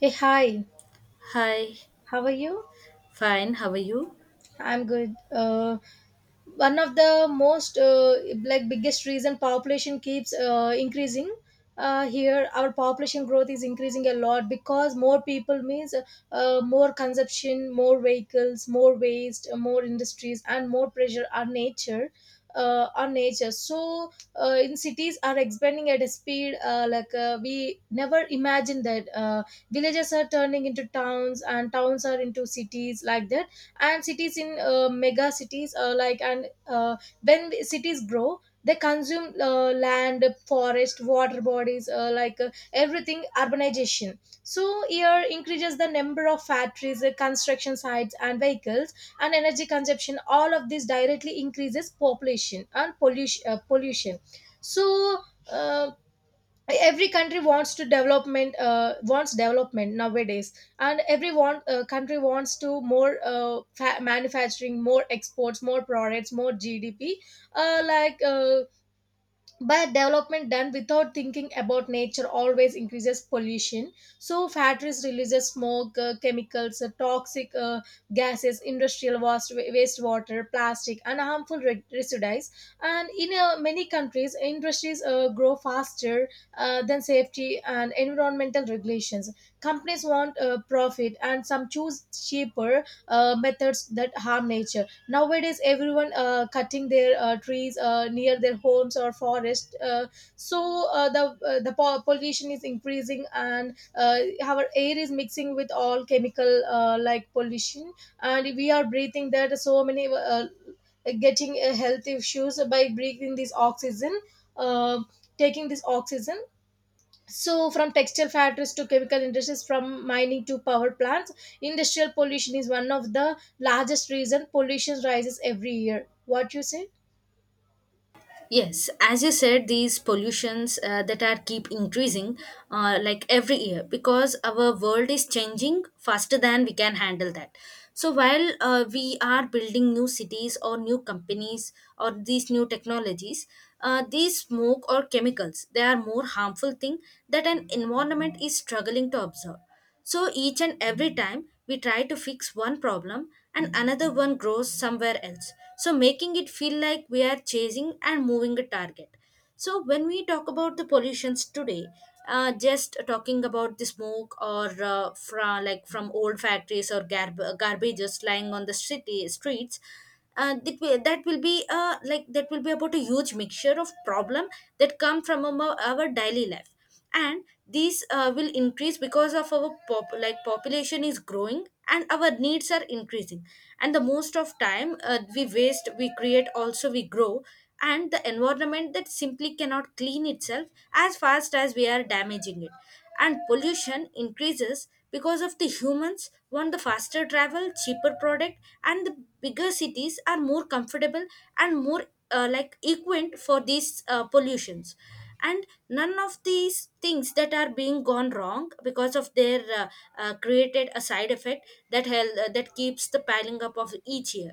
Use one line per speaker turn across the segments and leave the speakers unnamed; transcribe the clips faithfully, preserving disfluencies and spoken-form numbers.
Hey, hi.
Hi,
How are you?
fine. How are you?
I'm good. Uh, one of the most uh, like biggest reason population keeps uh, increasing uh, here. Our population growth is increasing a lot because more people means uh, more consumption, more vehicles, more waste, uh, more industries, and more pressure on nature uh, on nature. So uh, in cities are expanding at a speed, uh, like uh, we never imagined that. Uh, villages are turning into towns and towns are into cities, like that, and cities in uh, mega cities, uh, like and uh, when cities grow they consume uh, land, forest, water bodies, uh, like uh, everything, urbanization. So here increases the number of factories, uh, construction sites, and vehicles, and energy consumption. All of this directly increases population and pollution uh, pollution. So uh, every country wants to development uh, wants development nowadays, and every one uh, country wants to more uh, fa- manufacturing, more exports, more products, more G D P, uh, like uh, but development done without thinking about nature always increases pollution. So factories releases smoke, uh, chemicals, uh, toxic, uh, gases, industrial waste, wastewater, plastic, and harmful re- residues. And in uh, many countries industries uh, grow faster uh, than safety and environmental regulations. Companies want uh, profit and some choose cheaper uh, methods that harm nature. Nowadays everyone uh, cutting their uh, trees uh, near their homes or forest uh, so uh, the uh, the po- pollution is increasing, and uh, our air is mixing with all chemical, uh, like pollution, and we are breathing that. So many uh, getting uh, health issues by breathing this oxygen uh, taking this oxygen. So from textile factories to chemical industries, from mining to power plants, industrial pollution is one of the largest reason pollution rises every year. What you say?
Yes, as you said, these pollutions uh, that are keep increasing, uh, like every year, because our world is changing faster than we can handle that. So while uh, we are building new cities or new companies or these new technologies, uh, these smoke or chemicals, they are more harmful thing that an environment is struggling to absorb. So each and every time we try to fix one problem and another one grows somewhere else, so making it feel like we are chasing and moving a target. So when we talk about the pollutions today, uh, just talking about the smoke or uh, from like from old factories or garb- garbages lying on the city streets, uh, that will, that will be uh, like that will be about a huge mixture of problem that come from our, our daily life, and these uh, will increase because of our pop like population is growing and our needs are increasing. And the most of time uh, we waste we create also we grow, and the environment that simply cannot clean itself as fast as we are damaging it. And pollution increases because of the humans want the faster travel cheaper product, and the bigger cities are more comfortable and more uh, like equipped for these uh, pollutions, and none of these things that are being gone wrong because of their uh, uh, created a side effect that hel- uh, that keeps the piling up of each year.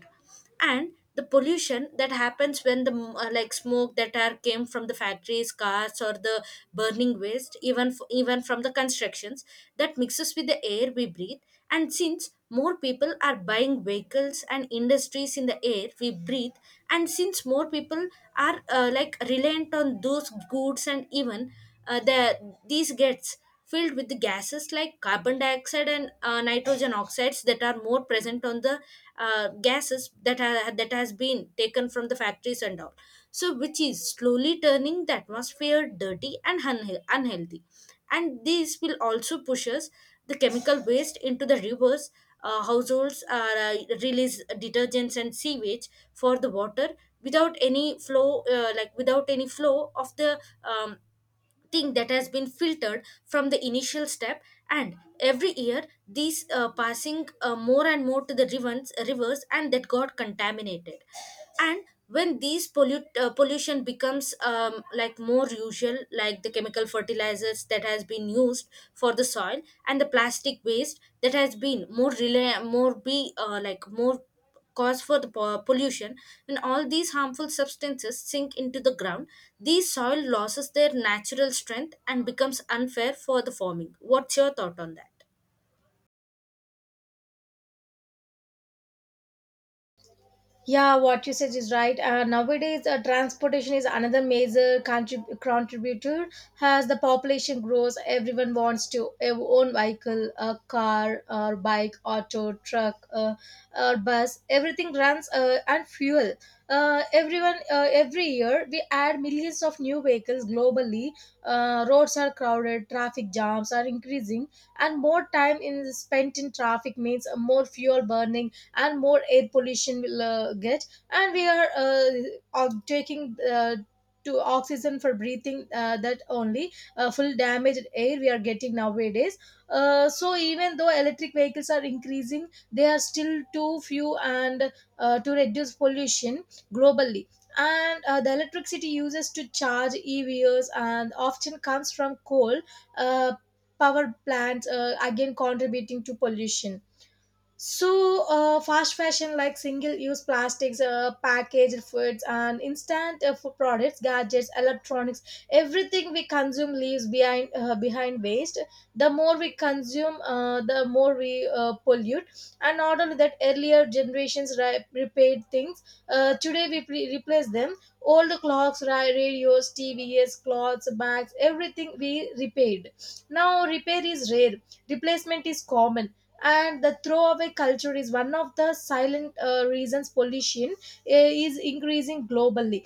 And the pollution that happens when the mm, uh, like smoke that are came from the factories cars or the burning waste even f- even from the constructions, that mixes with the air air we breathe, and since more people are buying vehicles and industries in the air we breathe, and since more people are uh, like reliant on those goods, and even uh, the these gets filled with the gases like carbon dioxide and uh, nitrogen oxides that are more present on the uh, gases that are, that has been taken from the factories and all, so which is slowly turning the atmosphere dirty and unhe- unhealthy. And this will also push us the chemical waste into the rivers. Uh, households are uh, release detergents and sewage for the water without any flow, uh, like without any flow of the um, thing that has been filtered from the initial step. And every year these uh, passing uh, more and more to the rivers, rivers, and that got contaminated. And when these pollute, uh, pollution becomes um, like more usual, like the chemical fertilizers that has been used for the soil and the plastic waste that has been more rela- more be uh, like more cause for the po- pollution. When all these harmful substances sink into the ground, the soil loses their natural strength and becomes unfair for the farming. What's your thought on that?
Yeah, what you said is right. Uh, nowadays, uh, transportation is another major contrib- contributor. As the population grows, everyone wants to ev- own vehicle, a car, or bike, auto, truck, uh, or bus. Everything runs uh, and fuel. Uh, everyone, uh, every year, we add millions of new vehicles globally. Uh, roads are crowded, traffic jams are increasing, and more time in spent in traffic means uh, more fuel burning and more air pollution will uh, get. And we are uh, o- taking uh, to oxygen for breathing, uh, that only uh, full damaged air we are getting nowadays. Uh, so even though electric vehicles are increasing, they are still too few and uh, to reduce pollution globally, and uh, the electricity uses to charge E Vs and often comes from coal uh, power plants, uh, again contributing to pollution. So, uh, fast fashion, like single use plastics, uh, packaged foods, and instant uh, food products, gadgets, electronics, everything we consume leaves behind, uh, behind waste. The more we consume, uh, the more we uh, pollute. And not only that, earlier generations re- repaired things. Uh, today we pre- replace them. Old clocks, ra- radios, T Vs, clothes, bags, everything we repaired. Now, repair is rare, replacement is common, and the throwaway culture is one of the silent uh, reasons pollution uh, is increasing globally.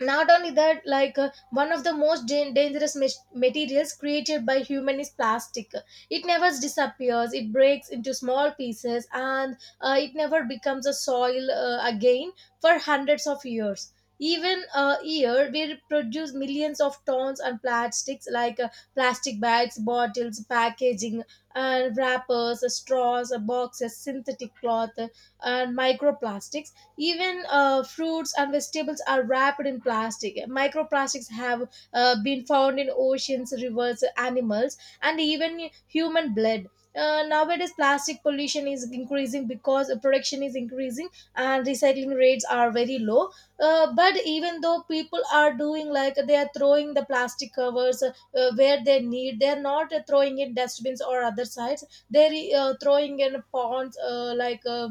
Not only that, like uh, one of the most dan- dangerous mas- materials created by human is plastic. It never disappears, it breaks into small pieces, and uh, it never becomes a soil uh, again for hundreds of years. Even a year we produce millions of tons and plastics, like uh, plastic bags, bottles, packaging, and wrappers, straws, boxes, synthetic cloth, and microplastics. Even uh, fruits and vegetables are wrapped in plastic. Microplastics have uh, been found in oceans, rivers, animals, and even human blood. Uh, nowadays, plastic pollution is increasing because production is increasing and recycling rates are very low. Uh, but even though people are doing, like they are throwing the plastic covers uh, where they need, they are not uh, throwing in dustbins or other sides. They're uh, throwing in ponds, uh, like. Uh,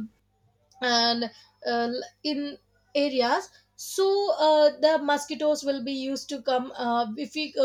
and uh, in areas. So uh, the mosquitoes will be used to come, uh, if we uh,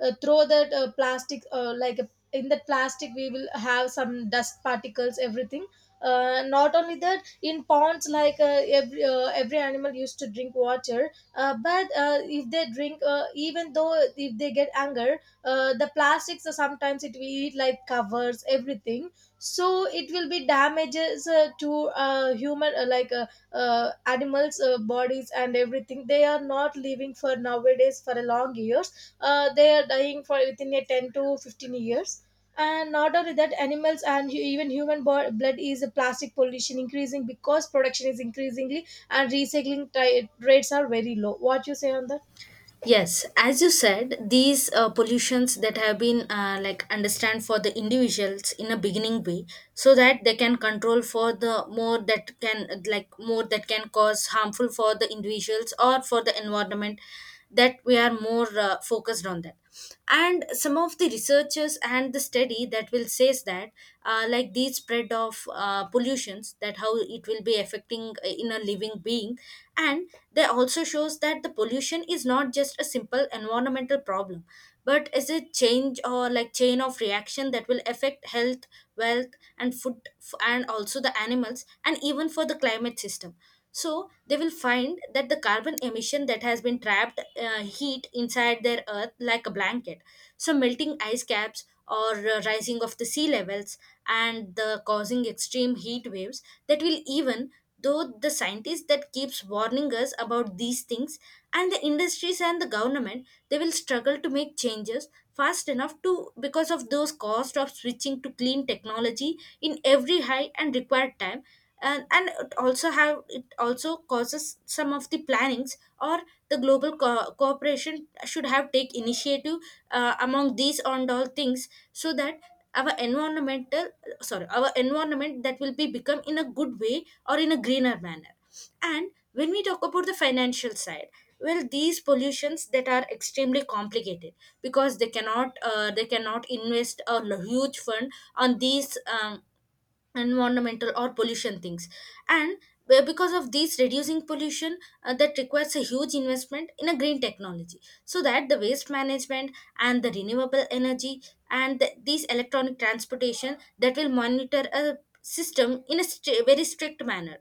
uh, throw that uh, plastic, uh, like a, in that plastic we will have some dust particles, everything. Uh, not only that, in ponds, like uh, every uh, every animal used to drink water, uh, but uh, if they drink, uh, even though if they get anger, uh, the plastics uh, sometimes it will eat like covers everything. So it will be damages uh, to uh, human, uh, like uh, uh, animals uh, bodies and everything. They are not living for nowadays for a long years, uh, they are dying for within a ten to fifteen years. And not only that, animals and hu- even human bo- blood is a plastic pollution increasing because production is increasingly and recycling ti rates are very low. What you say on that?
Yes, as you said, these uh, pollutions that have been uh, like understand for the individuals in a beginning way, so that they can control for the more that can like more that can cause harmful for the individuals or for the environment. That we are more uh, focused on that, and some of the researchers and the study that will says that uh, like these spread of uh, pollutions that how it will be affecting uh, in a living being. And they also shows that the pollution is not just a simple environmental problem but is a change or like chain of reaction that will affect health wealth and food f- and also the animals and even for the climate system. So they will find that the carbon emission that has been trapped uh, heat inside their earth like a blanket, so melting ice caps or uh, rising of the sea levels and the causing extreme heat waves, that will even though the scientists that keeps warning us about these things and the industries and the government they will struggle to make changes fast enough to because of those cost of switching to clean technology in every high and required time. And, and it also have it also causes some of the plannings or the global co- cooperation should have take initiative uh, among these and all things, so that our environmental, sorry, our environment that will be become in a good way or in a greener manner. And when we talk about the financial side, well, these pollutions that are extremely complicated, because they cannot uh, they cannot invest a l- huge fund on these um, environmental or pollution things. And be- because of these reducing pollution, uh, that requires a huge investment in a green technology, so that the waste management and the renewable energy and the, these electronic transportation that will monitor a system in a stri- very strict manner.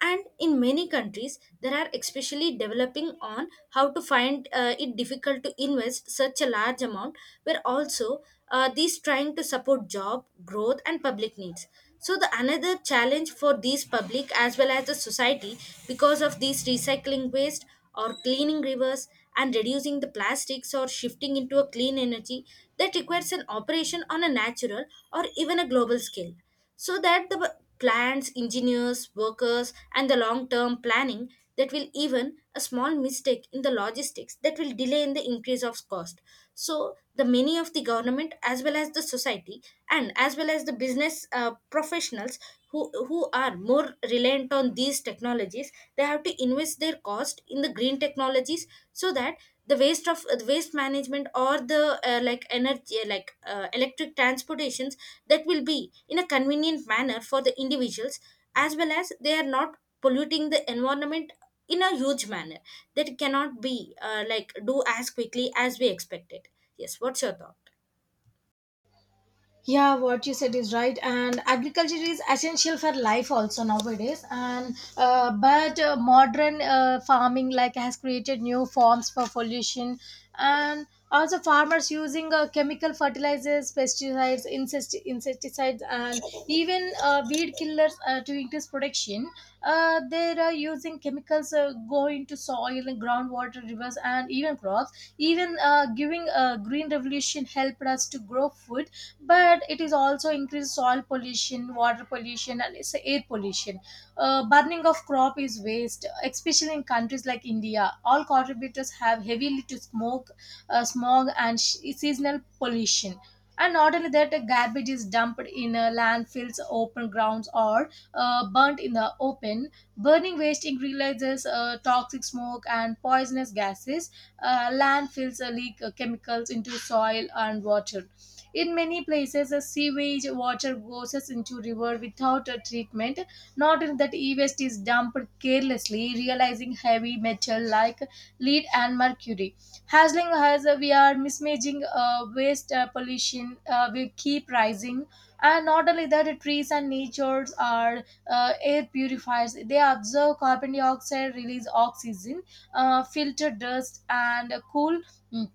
And in many countries there are especially developing on how to find uh, it difficult to invest such a large amount, where also uh, these trying to support job growth and public needs. So the another challenge for these public as well as the society, because of these recycling waste or cleaning rivers and reducing the plastics or shifting into a clean energy, that requires an operation on a natural or even a global scale, so that the b- clients engineers workers and the long term planning that will even a small mistake in the logistics that will delay in the increase of cost. So the many of the government as well as the society and as well as the business uh, professionals who, who are more reliant on these technologies, they have to invest their cost in the green technologies, so that the waste of uh, the waste management or the uh, like energy like uh, electric transportations that will be in a convenient manner for the individuals, as well as they are not polluting the environment in a huge manner, that cannot be uh, like do as quickly as we expected. Yes, what's your thought?
Yeah, what you said is right, and agriculture is essential for life also nowadays. And uh, but uh, modern uh, farming, like, has created new forms for pollution, and also farmers using uh, chemical fertilizers, pesticides, insect insecticides, and even uh, weed killers uh, to increase production. Uh, they are using chemicals uh, going to soil and groundwater, rivers, and even crops. Even uh, giving uh, green revolution helped us to grow food, but it is also increased soil pollution, water pollution, and it's air pollution. Uh, burning of crop is waste, especially in countries like India, all contributors have heavily to smoke, uh, smog, and sh- seasonal pollution. And not only that, uh, garbage is dumped in uh, landfills, open grounds, or uh, burnt in the open. Burning waste increases uh, toxic smoke and poisonous gases. Uh, landfills uh, leak uh, chemicals into soil and water. In many places, uh, sewage water goes us into river without a treatment. Not only that, e-waste is dumped carelessly, realizing heavy metal like lead and mercury. Hazling us, uh, we are mismanaging uh, waste uh, pollution. Uh, we keep rising, and not only that, trees and natures are uh, air purifiers. They observe carbon dioxide, release oxygen, uh, filter dust, and cool mm,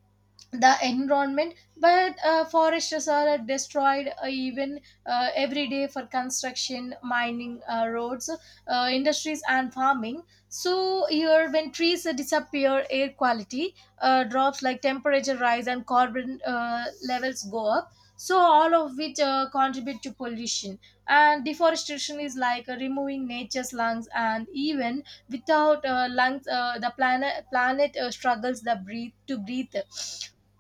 the environment. But uh, forests are destroyed uh, even uh, every day for construction, mining, uh, roads, uh, industries, and farming. So here, when trees uh, disappear, air quality uh, drops, like temperature rise and carbon uh, levels go up, so all of which uh, contribute to pollution. And deforestation is like uh, removing nature's lungs, and even without uh, lungs, uh, the planet planet uh, struggles the breathe to breathe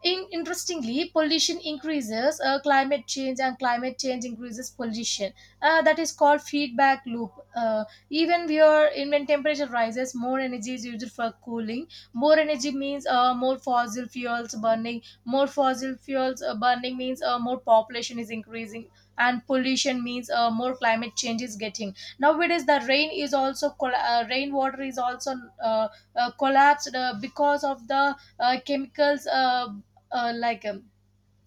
in. Interestingly, pollution increases uh, climate change, and climate change increases pollution. Uh, that is called feedback loop. Uh, even where in when temperature rises, more energy is used for cooling. More energy means uh, more fossil fuels burning. More fossil fuels uh, burning means uh, more population is increasing, and pollution means uh, more climate change is getting. Nowadays, the rain is also coll- uh, rainwater is also uh, uh, collapsed uh, because of the uh, chemicals. Uh, uh, like um,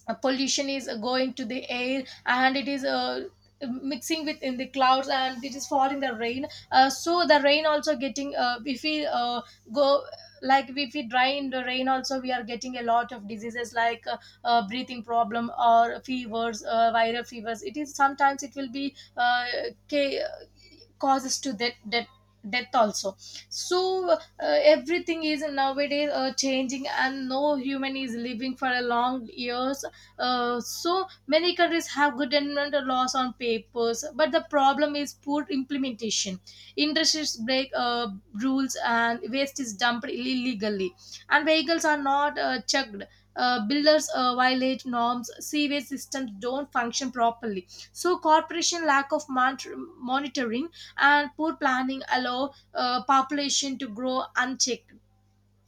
uh, Pollution is uh, going to the air, and it is uh, mixing with in the clouds, and it is falling the rain. Uh, so the rain also getting, uh, if we uh, go, like if we dry in the rain also, we are getting a lot of diseases like uh, uh, breathing problem or fevers, uh, viral fevers. It is sometimes it will be uh, ca- causes to death, death death also. So uh, everything is nowadays uh, changing, and no human is living for a long years. Uh, so many countries have good environmental laws on papers, but the problem is poor implementation. Industries break uh, rules and waste is dumped illegally, and vehicles are not uh, checked. Uh, builders uh, violate norms, sewage systems don't function properly. So corporation lack of mon- monitoring and poor planning allow uh, population to grow unchecked.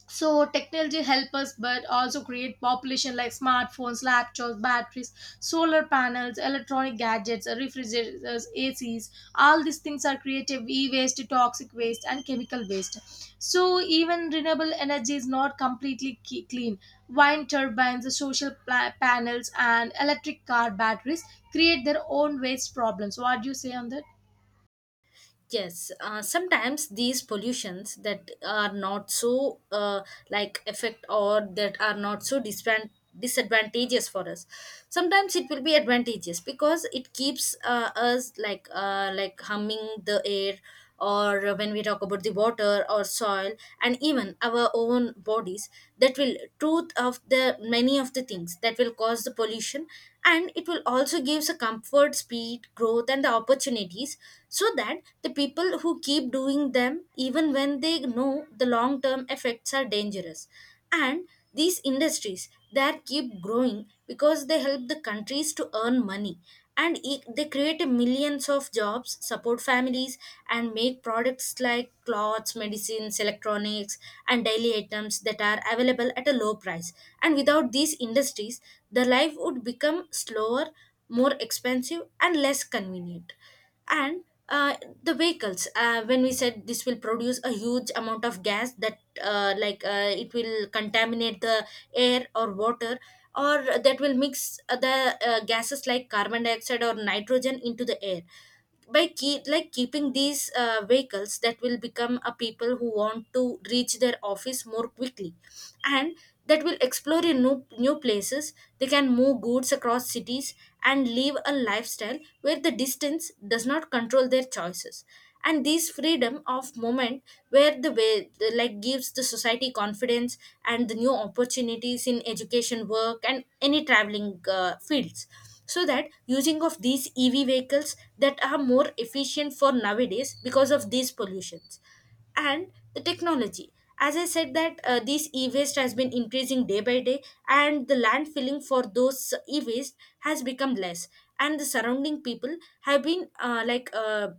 So technology help us but also create population, like smartphones, laptops, batteries, solar panels, electronic gadgets, refrigerators, A Cs, all these things are creative e-waste, toxic waste, and chemical waste. So even renewable energy is not completely ke- clean. Wind turbines, social pla- panels, and electric car batteries create their own waste problems. What do you say on that?
Yes, uh, sometimes these pollutions that are not so uh, like effect, or that are not so disadvan- disadvantageous for us. Sometimes it will be advantageous, because it keeps uh, us like uh, like humming the air, or when we talk about the water or soil and even our own bodies, that will truth of the many of the things that will cause the pollution. And it will also gives a comfort speed growth and the opportunities, so that the people who keep doing them even when they know the long term effects are dangerous. And these industries that keep growing because they help the countries to earn money, and e- they create millions of jobs support families and make products like clothes medicines electronics and daily items that are available at a low price. And without these industries, the life would become slower, more expensive and less convenient. And uh, the vehicles, uh, when we said this will produce a huge amount of gas, that uh, like uh, it will contaminate the air or water, or that will mix uh, the uh, gases like carbon dioxide or nitrogen into the air. By keep like keeping these uh, vehicles that will become a people who want to reach their office more quickly, and that will explore in new, new places, they can move goods across cities and live a lifestyle where the distance does not control their choices. And this freedom of movement, where the way the, like gives the society confidence and the new opportunities in education work and any traveling uh, fields. So that using of these E V vehicles that are more efficient for nowadays because of these pollutions and the technology, as i said that uh, this e-waste has been increasing day by day, and the landfilling for those e-waste has become less, and the surrounding people have been uh, like uh,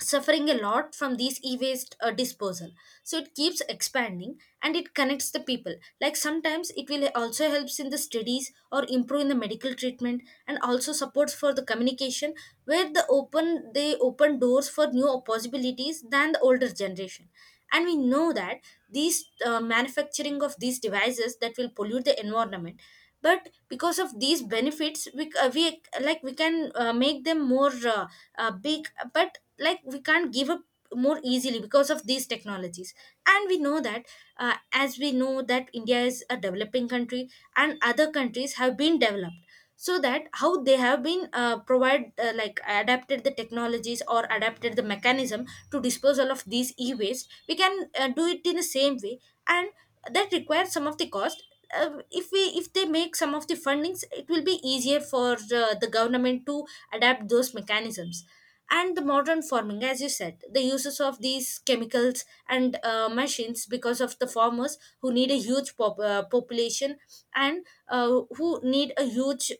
suffering a lot from these e-waste uh, disposal. So it keeps expanding and it connects the people, like sometimes it will also helps in the studies or improve in the medical treatment and also supports for the communication, where the open they open doors for new possibilities than the older generation. And we know that these uh, manufacturing of these devices that will pollute the environment, but because of these benefits we, c- uh, we like we can uh, make them more uh, uh, big. But like we can't give up more easily because of these technologies. And we know that, uh, as we know that india is a developing country, and other countries have been developed, so that how they have been uh, provide uh, like adapted the technologies or adapted the mechanism to disposal of these e-waste, we can uh, do it in the same way. And that requires some of the cost. Uh, if we if they make some of the fundings, it will be easier for uh, the government to adapt those mechanisms, and The modern farming, as you said, the uses of these chemicals and uh, machines because of the farmers who need a huge pop- uh, population and uh, who need a huge,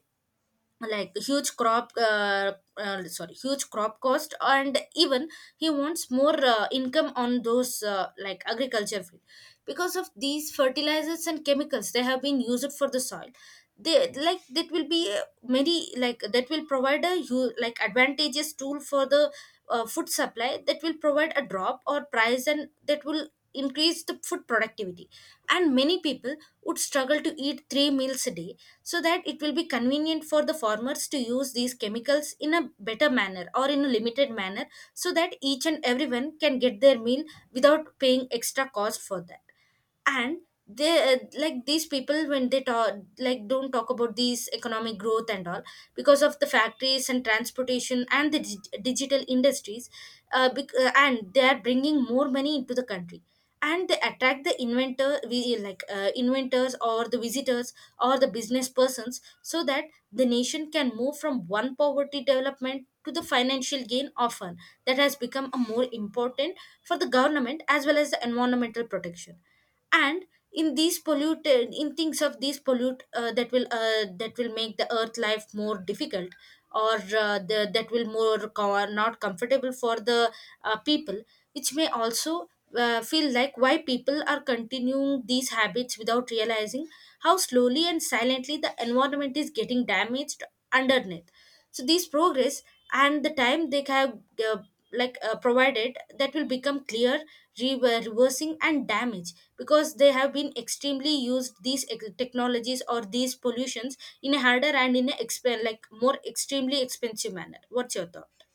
like, huge crop uh, uh, sorry, huge crop cost, and even he wants more uh, income on those, uh, like, agriculture field, because of these fertilizers and chemicals they have been used for the soil. They, like, that will be uh, many, like, that will provide a, you, like, advantageous tool for the uh, food supply, that will provide a drop or price, and that will increase the food productivity, and many people would struggle to eat three meals a day. So that it will be convenient for the farmers to use these chemicals in a better manner or in a limited manner, so that each and everyone can get their meal without paying extra cost for that. And they, uh, like, these people when they talk, like, don't talk about these economic growth and all, because of the factories and transportation and the dig- digital industries, uh, bec- uh, and they are bringing more money into the country, and they attract the inventor, we, like, uh, inventors or the visitors or the business persons, so that the nation can move from one poverty development to the financial gain often. That has become a more important for the government as well as the environmental protection. And in these polluted, in things of these, pollute uh, that will, uh, that will make the earth life more difficult, or uh, the, that will more co- not comfortable for the uh, people, which may also uh, feel like why people are continuing these habits without realizing how slowly and silently the environment is getting damaged underneath. So these progress and the time they have uh, like, uh, provided, that will become clear re- uh, reversing and damage, because they have been extremely used these ex- technologies or these pollutions in a harder and in a exp- like more extremely expensive manner. What's your thought?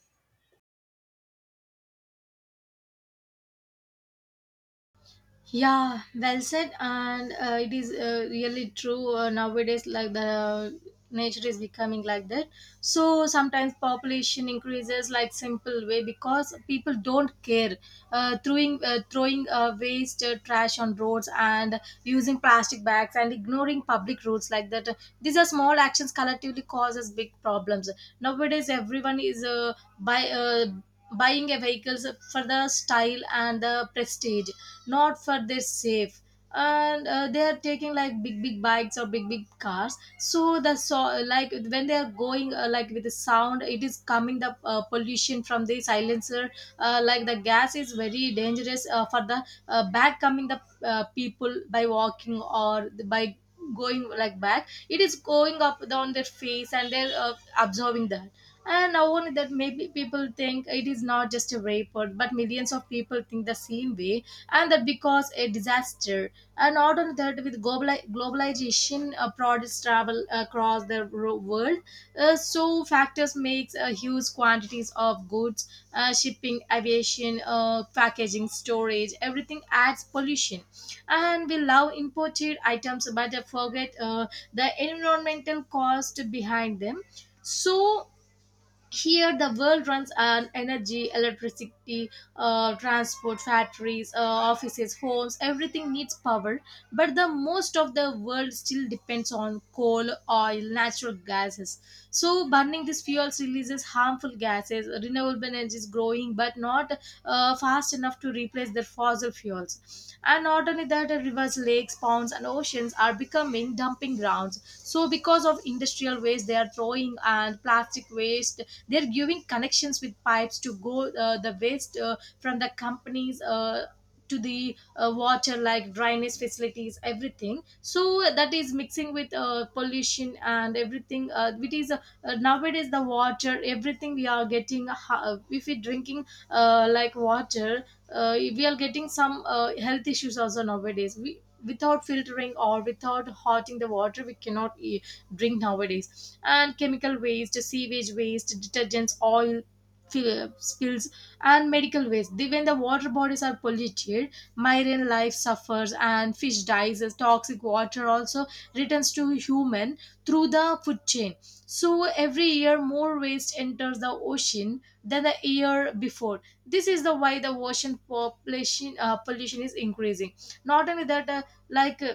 Yeah, well said, and uh, it is uh, really true uh, nowadays. Like, the nature is becoming like that, so sometimes population increases like simple way because people don't care, uh, throwing uh, throwing uh, waste, uh, trash on roads, and using plastic bags and ignoring public rules, like that. These are small actions collectively causes big problems nowadays. Everyone is uh, by. Uh, buying a vehicles for the style and the prestige, not for their safe. And uh, they are taking like big big bikes or big big cars, so the so like when they are going uh, like with the sound it is coming the uh, pollution from the silencer. Uh, like the gas is very dangerous uh, for the uh, back coming the uh, people by walking or by going like back, it is going up on their face, and they're uh, observing that. And not only that, maybe people think it is not just a report, but millions of people think the same way, and that because a disaster. And not only that, with globali- globalization, uh, products travel across the ro- world, uh, so factors makes uh, huge quantities of goods, uh, shipping, aviation, uh, packaging, storage, everything adds pollution. And we love imported items, but uh, forget uh, the environmental cost behind them. So here the world runs on energy, electricity, uh, transport, factories, uh, offices, homes, everything needs power, but the most of the world still depends on coal, oil, natural gases. So burning these fuels releases harmful gases. Renewable energy is growing but not uh, fast enough to replace their fossil fuels. And not only that, uh, rivers, lakes, ponds, and oceans are becoming dumping grounds. So, because of industrial waste they are throwing, and plastic waste, they're giving connections with pipes to go uh, the waste uh, from the companies. Uh, to the uh, water like drainage facilities, everything, so that is mixing with uh, pollution and everything, uh, which is uh, nowadays the water, everything we are getting ha- uh, if we drinking uh, like water, uh, we are getting some uh, health issues also. Nowadays we without filtering or without hotting the water, we cannot e- drink nowadays. And chemical waste, sewage waste, detergents, oil fill- spills, and medical waste. The- when the water bodies are polluted, marine life suffers and fish dies, as toxic water also returns to human through the food chain. So every year more waste enters the ocean than the year before. This is the why the ocean population, uh, pollution is increasing. Not only that, uh, like uh,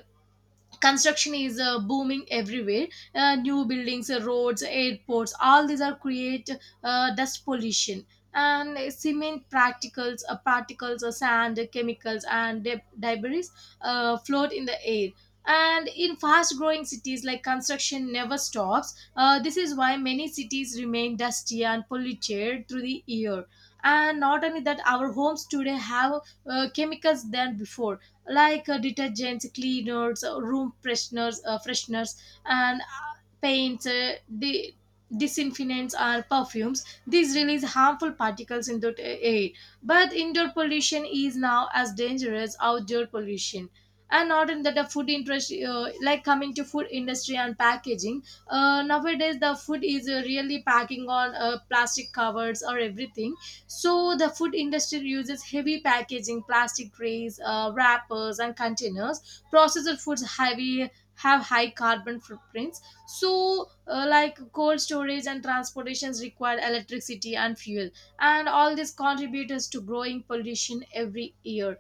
construction is uh, booming everywhere. Uh, new buildings, uh, roads, airports, all these are create uh, dust pollution, and uh, cement particles, uh, particles uh, sand, uh, chemicals, and deb- debris uh, float in the air. And in fast growing cities like construction never stops, uh, this is why many cities remain dusty and polluted through the year. And not only that, our homes today have uh, chemicals than before, like uh, detergents, cleaners, uh, room fresheners, uh, fresheners, and uh, paints, uh, di- disinfectants, or perfumes. These release harmful particles into the air. But indoor pollution is now as dangerous outdoor pollution. And not in that the food industry, uh, like coming to food industry and packaging. Uh, nowadays, the food is uh, really packing on uh, plastic covers or everything. So the food industry uses heavy packaging, plastic trays, uh, wrappers, and containers. Processed foods heavy have high carbon footprints. So, uh, like cold storage and transportations require electricity and fuel, and all this contributes to growing pollution every year.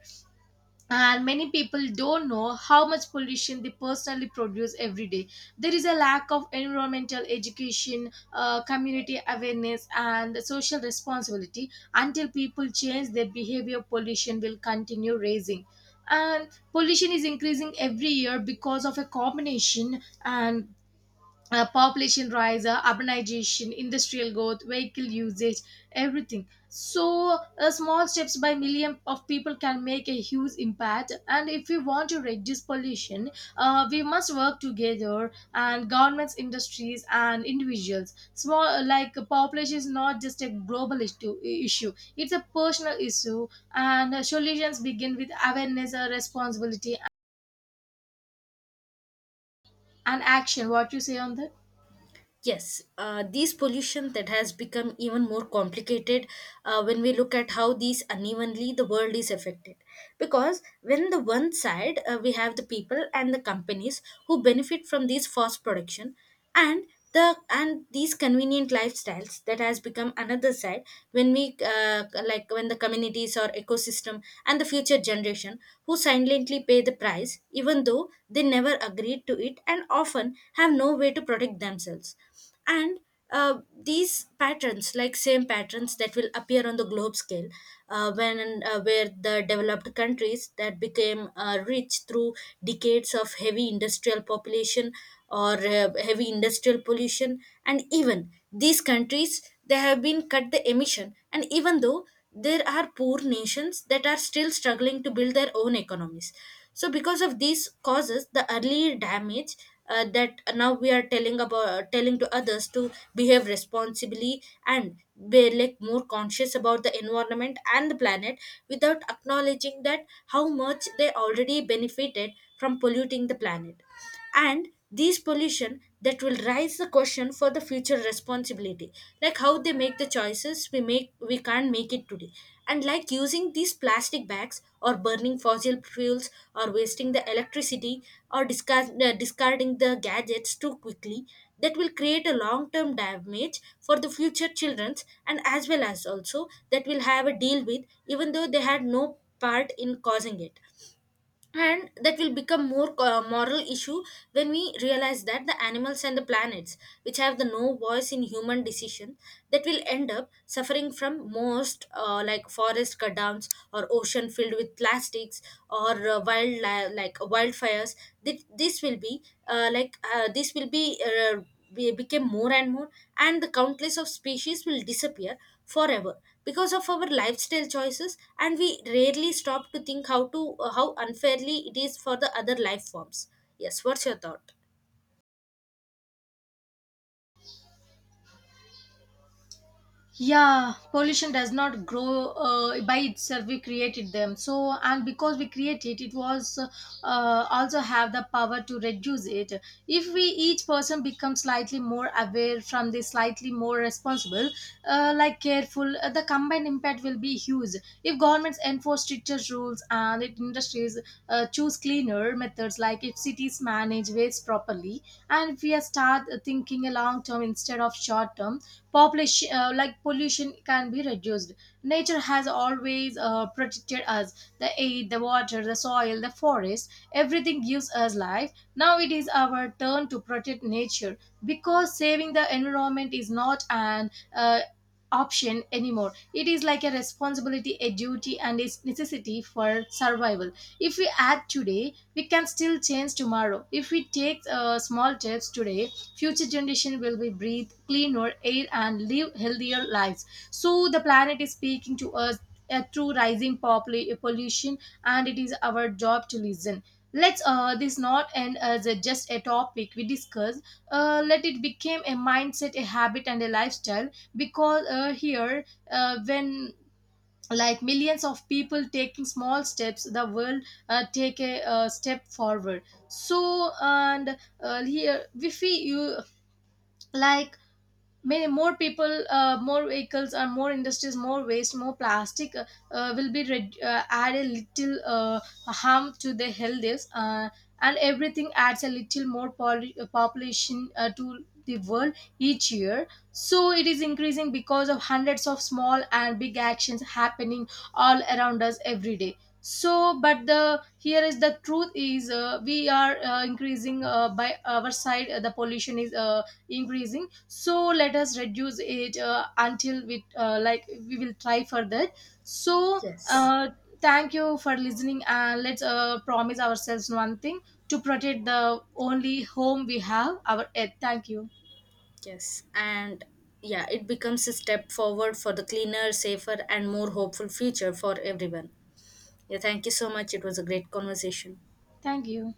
And many people don't know how much pollution they personally produce every day. There is a lack of environmental education, uh, community awareness, and social responsibility. Until people change their behavior, pollution will continue rising. And pollution is increasing every year because of a combination, and uh, population rise, uh, urbanization, industrial growth, vehicle usage, everything. So, uh, small steps by million of people can make a huge impact. And if we want to reduce pollution, uh, we must work together, and governments, industries, and individuals. Small, uh, like uh, population is not just a global issue, issue. It's a personal issue. And uh, solutions begin with awareness, uh, responsibility, and action. What you say on that?
Yes, uh, these pollution that has become even more complicated uh, when we look at how these unevenly the world is affected. Because when the one side uh, we have the people and the companies who benefit from these forced production, and the and these convenient lifestyles, that has become another side when we uh, like, when the communities or ecosystem and the future generation who silently pay the the price, even though they never agreed to it and often have no way to protect themselves. And uh, these patterns, like same patterns that will appear on the globe scale, uh, when uh, where the developed countries that became uh, rich through decades of heavy industrial population, or uh, heavy industrial pollution, and even these countries they have been cut the emission, and even though there are poor nations that are still struggling to build their own economies. So because of these causes the early damage, uh, that now we are telling about, telling to others to behave responsibly and be like more conscious about the environment and the planet, without acknowledging that how much they already benefited from polluting the planet. And these pollution that will raise the question for the future responsibility, like how they make the choices we make, we can't make it today. And like using these plastic bags or burning fossil fuels or wasting the electricity, or discard, uh, discarding the gadgets too quickly, that will create a long term damage for the future children's, and as well as also that will have a deal with, even though they had no part in causing it. And that will become more uh, moral issue when we realize that the animals and the planets which have the no voice in human decision, that will end up suffering from most uh, like forest cut downs or ocean filled with plastics, or uh, wild li- like wildfires. Thi- this will be uh, like uh, this will be uh, be- become more and more, and the countless of species will disappear forever because of our lifestyle choices, and we rarely stop to think how to, uh, how unfairly it is for the other life forms. Yes, what's your thought?
Yeah, pollution does not grow uh, by itself. We created them, so and because we create it, it was uh, also have the power to reduce it. If we each person becomes slightly more aware from this, slightly more responsible, uh, like careful, uh, the combined impact will be huge. If governments enforce stricter rules, and if industries uh, choose cleaner methods, like if cities manage waste properly, and if we start thinking a long term instead of short term, population, uh, like pollution can be reduced. Nature has always uh, protected us. The air, the water, the soil, the forest, everything gives us life. Now it is our turn to protect nature, because saving the environment is not an uh, option anymore. It is like a responsibility, a duty, and a necessity for survival. If we act today, we can still change tomorrow. If we take uh, small steps today, future generation will be breathe cleaner air and live healthier lives. So the planet is speaking to us uh, through rising popul- pollution, and it is our job to listen. Let's uh, this not end as a, just a topic we discuss. Uh, let it become a mindset, a habit, and a lifestyle. Because uh, here uh, when like millions of people taking small steps, the world uh, take a uh, step forward. So and uh, here if we you like many more people, uh, more vehicles, or more industries, more waste, more plastic, uh, uh, will be red- uh, add a little uh, harm to the health is, uh, and everything adds a little more poli- uh, population uh, to the world each year. So it is increasing because of hundreds of small and big actions happening all around us every day. So but the here is the truth is, uh, we are uh, increasing uh, by our side, uh, the pollution is uh, increasing. So let us reduce it uh, until we uh, like we will try for that. So
Yes.
uh, thank you for listening, and let's uh, promise ourselves one thing: to protect the only home we have, our earth. Thank you.
Yes, and yeah, it becomes a step forward for the cleaner, safer and more hopeful future for everyone. Yeah, thank you so much, it was a great conversation.
Thank you.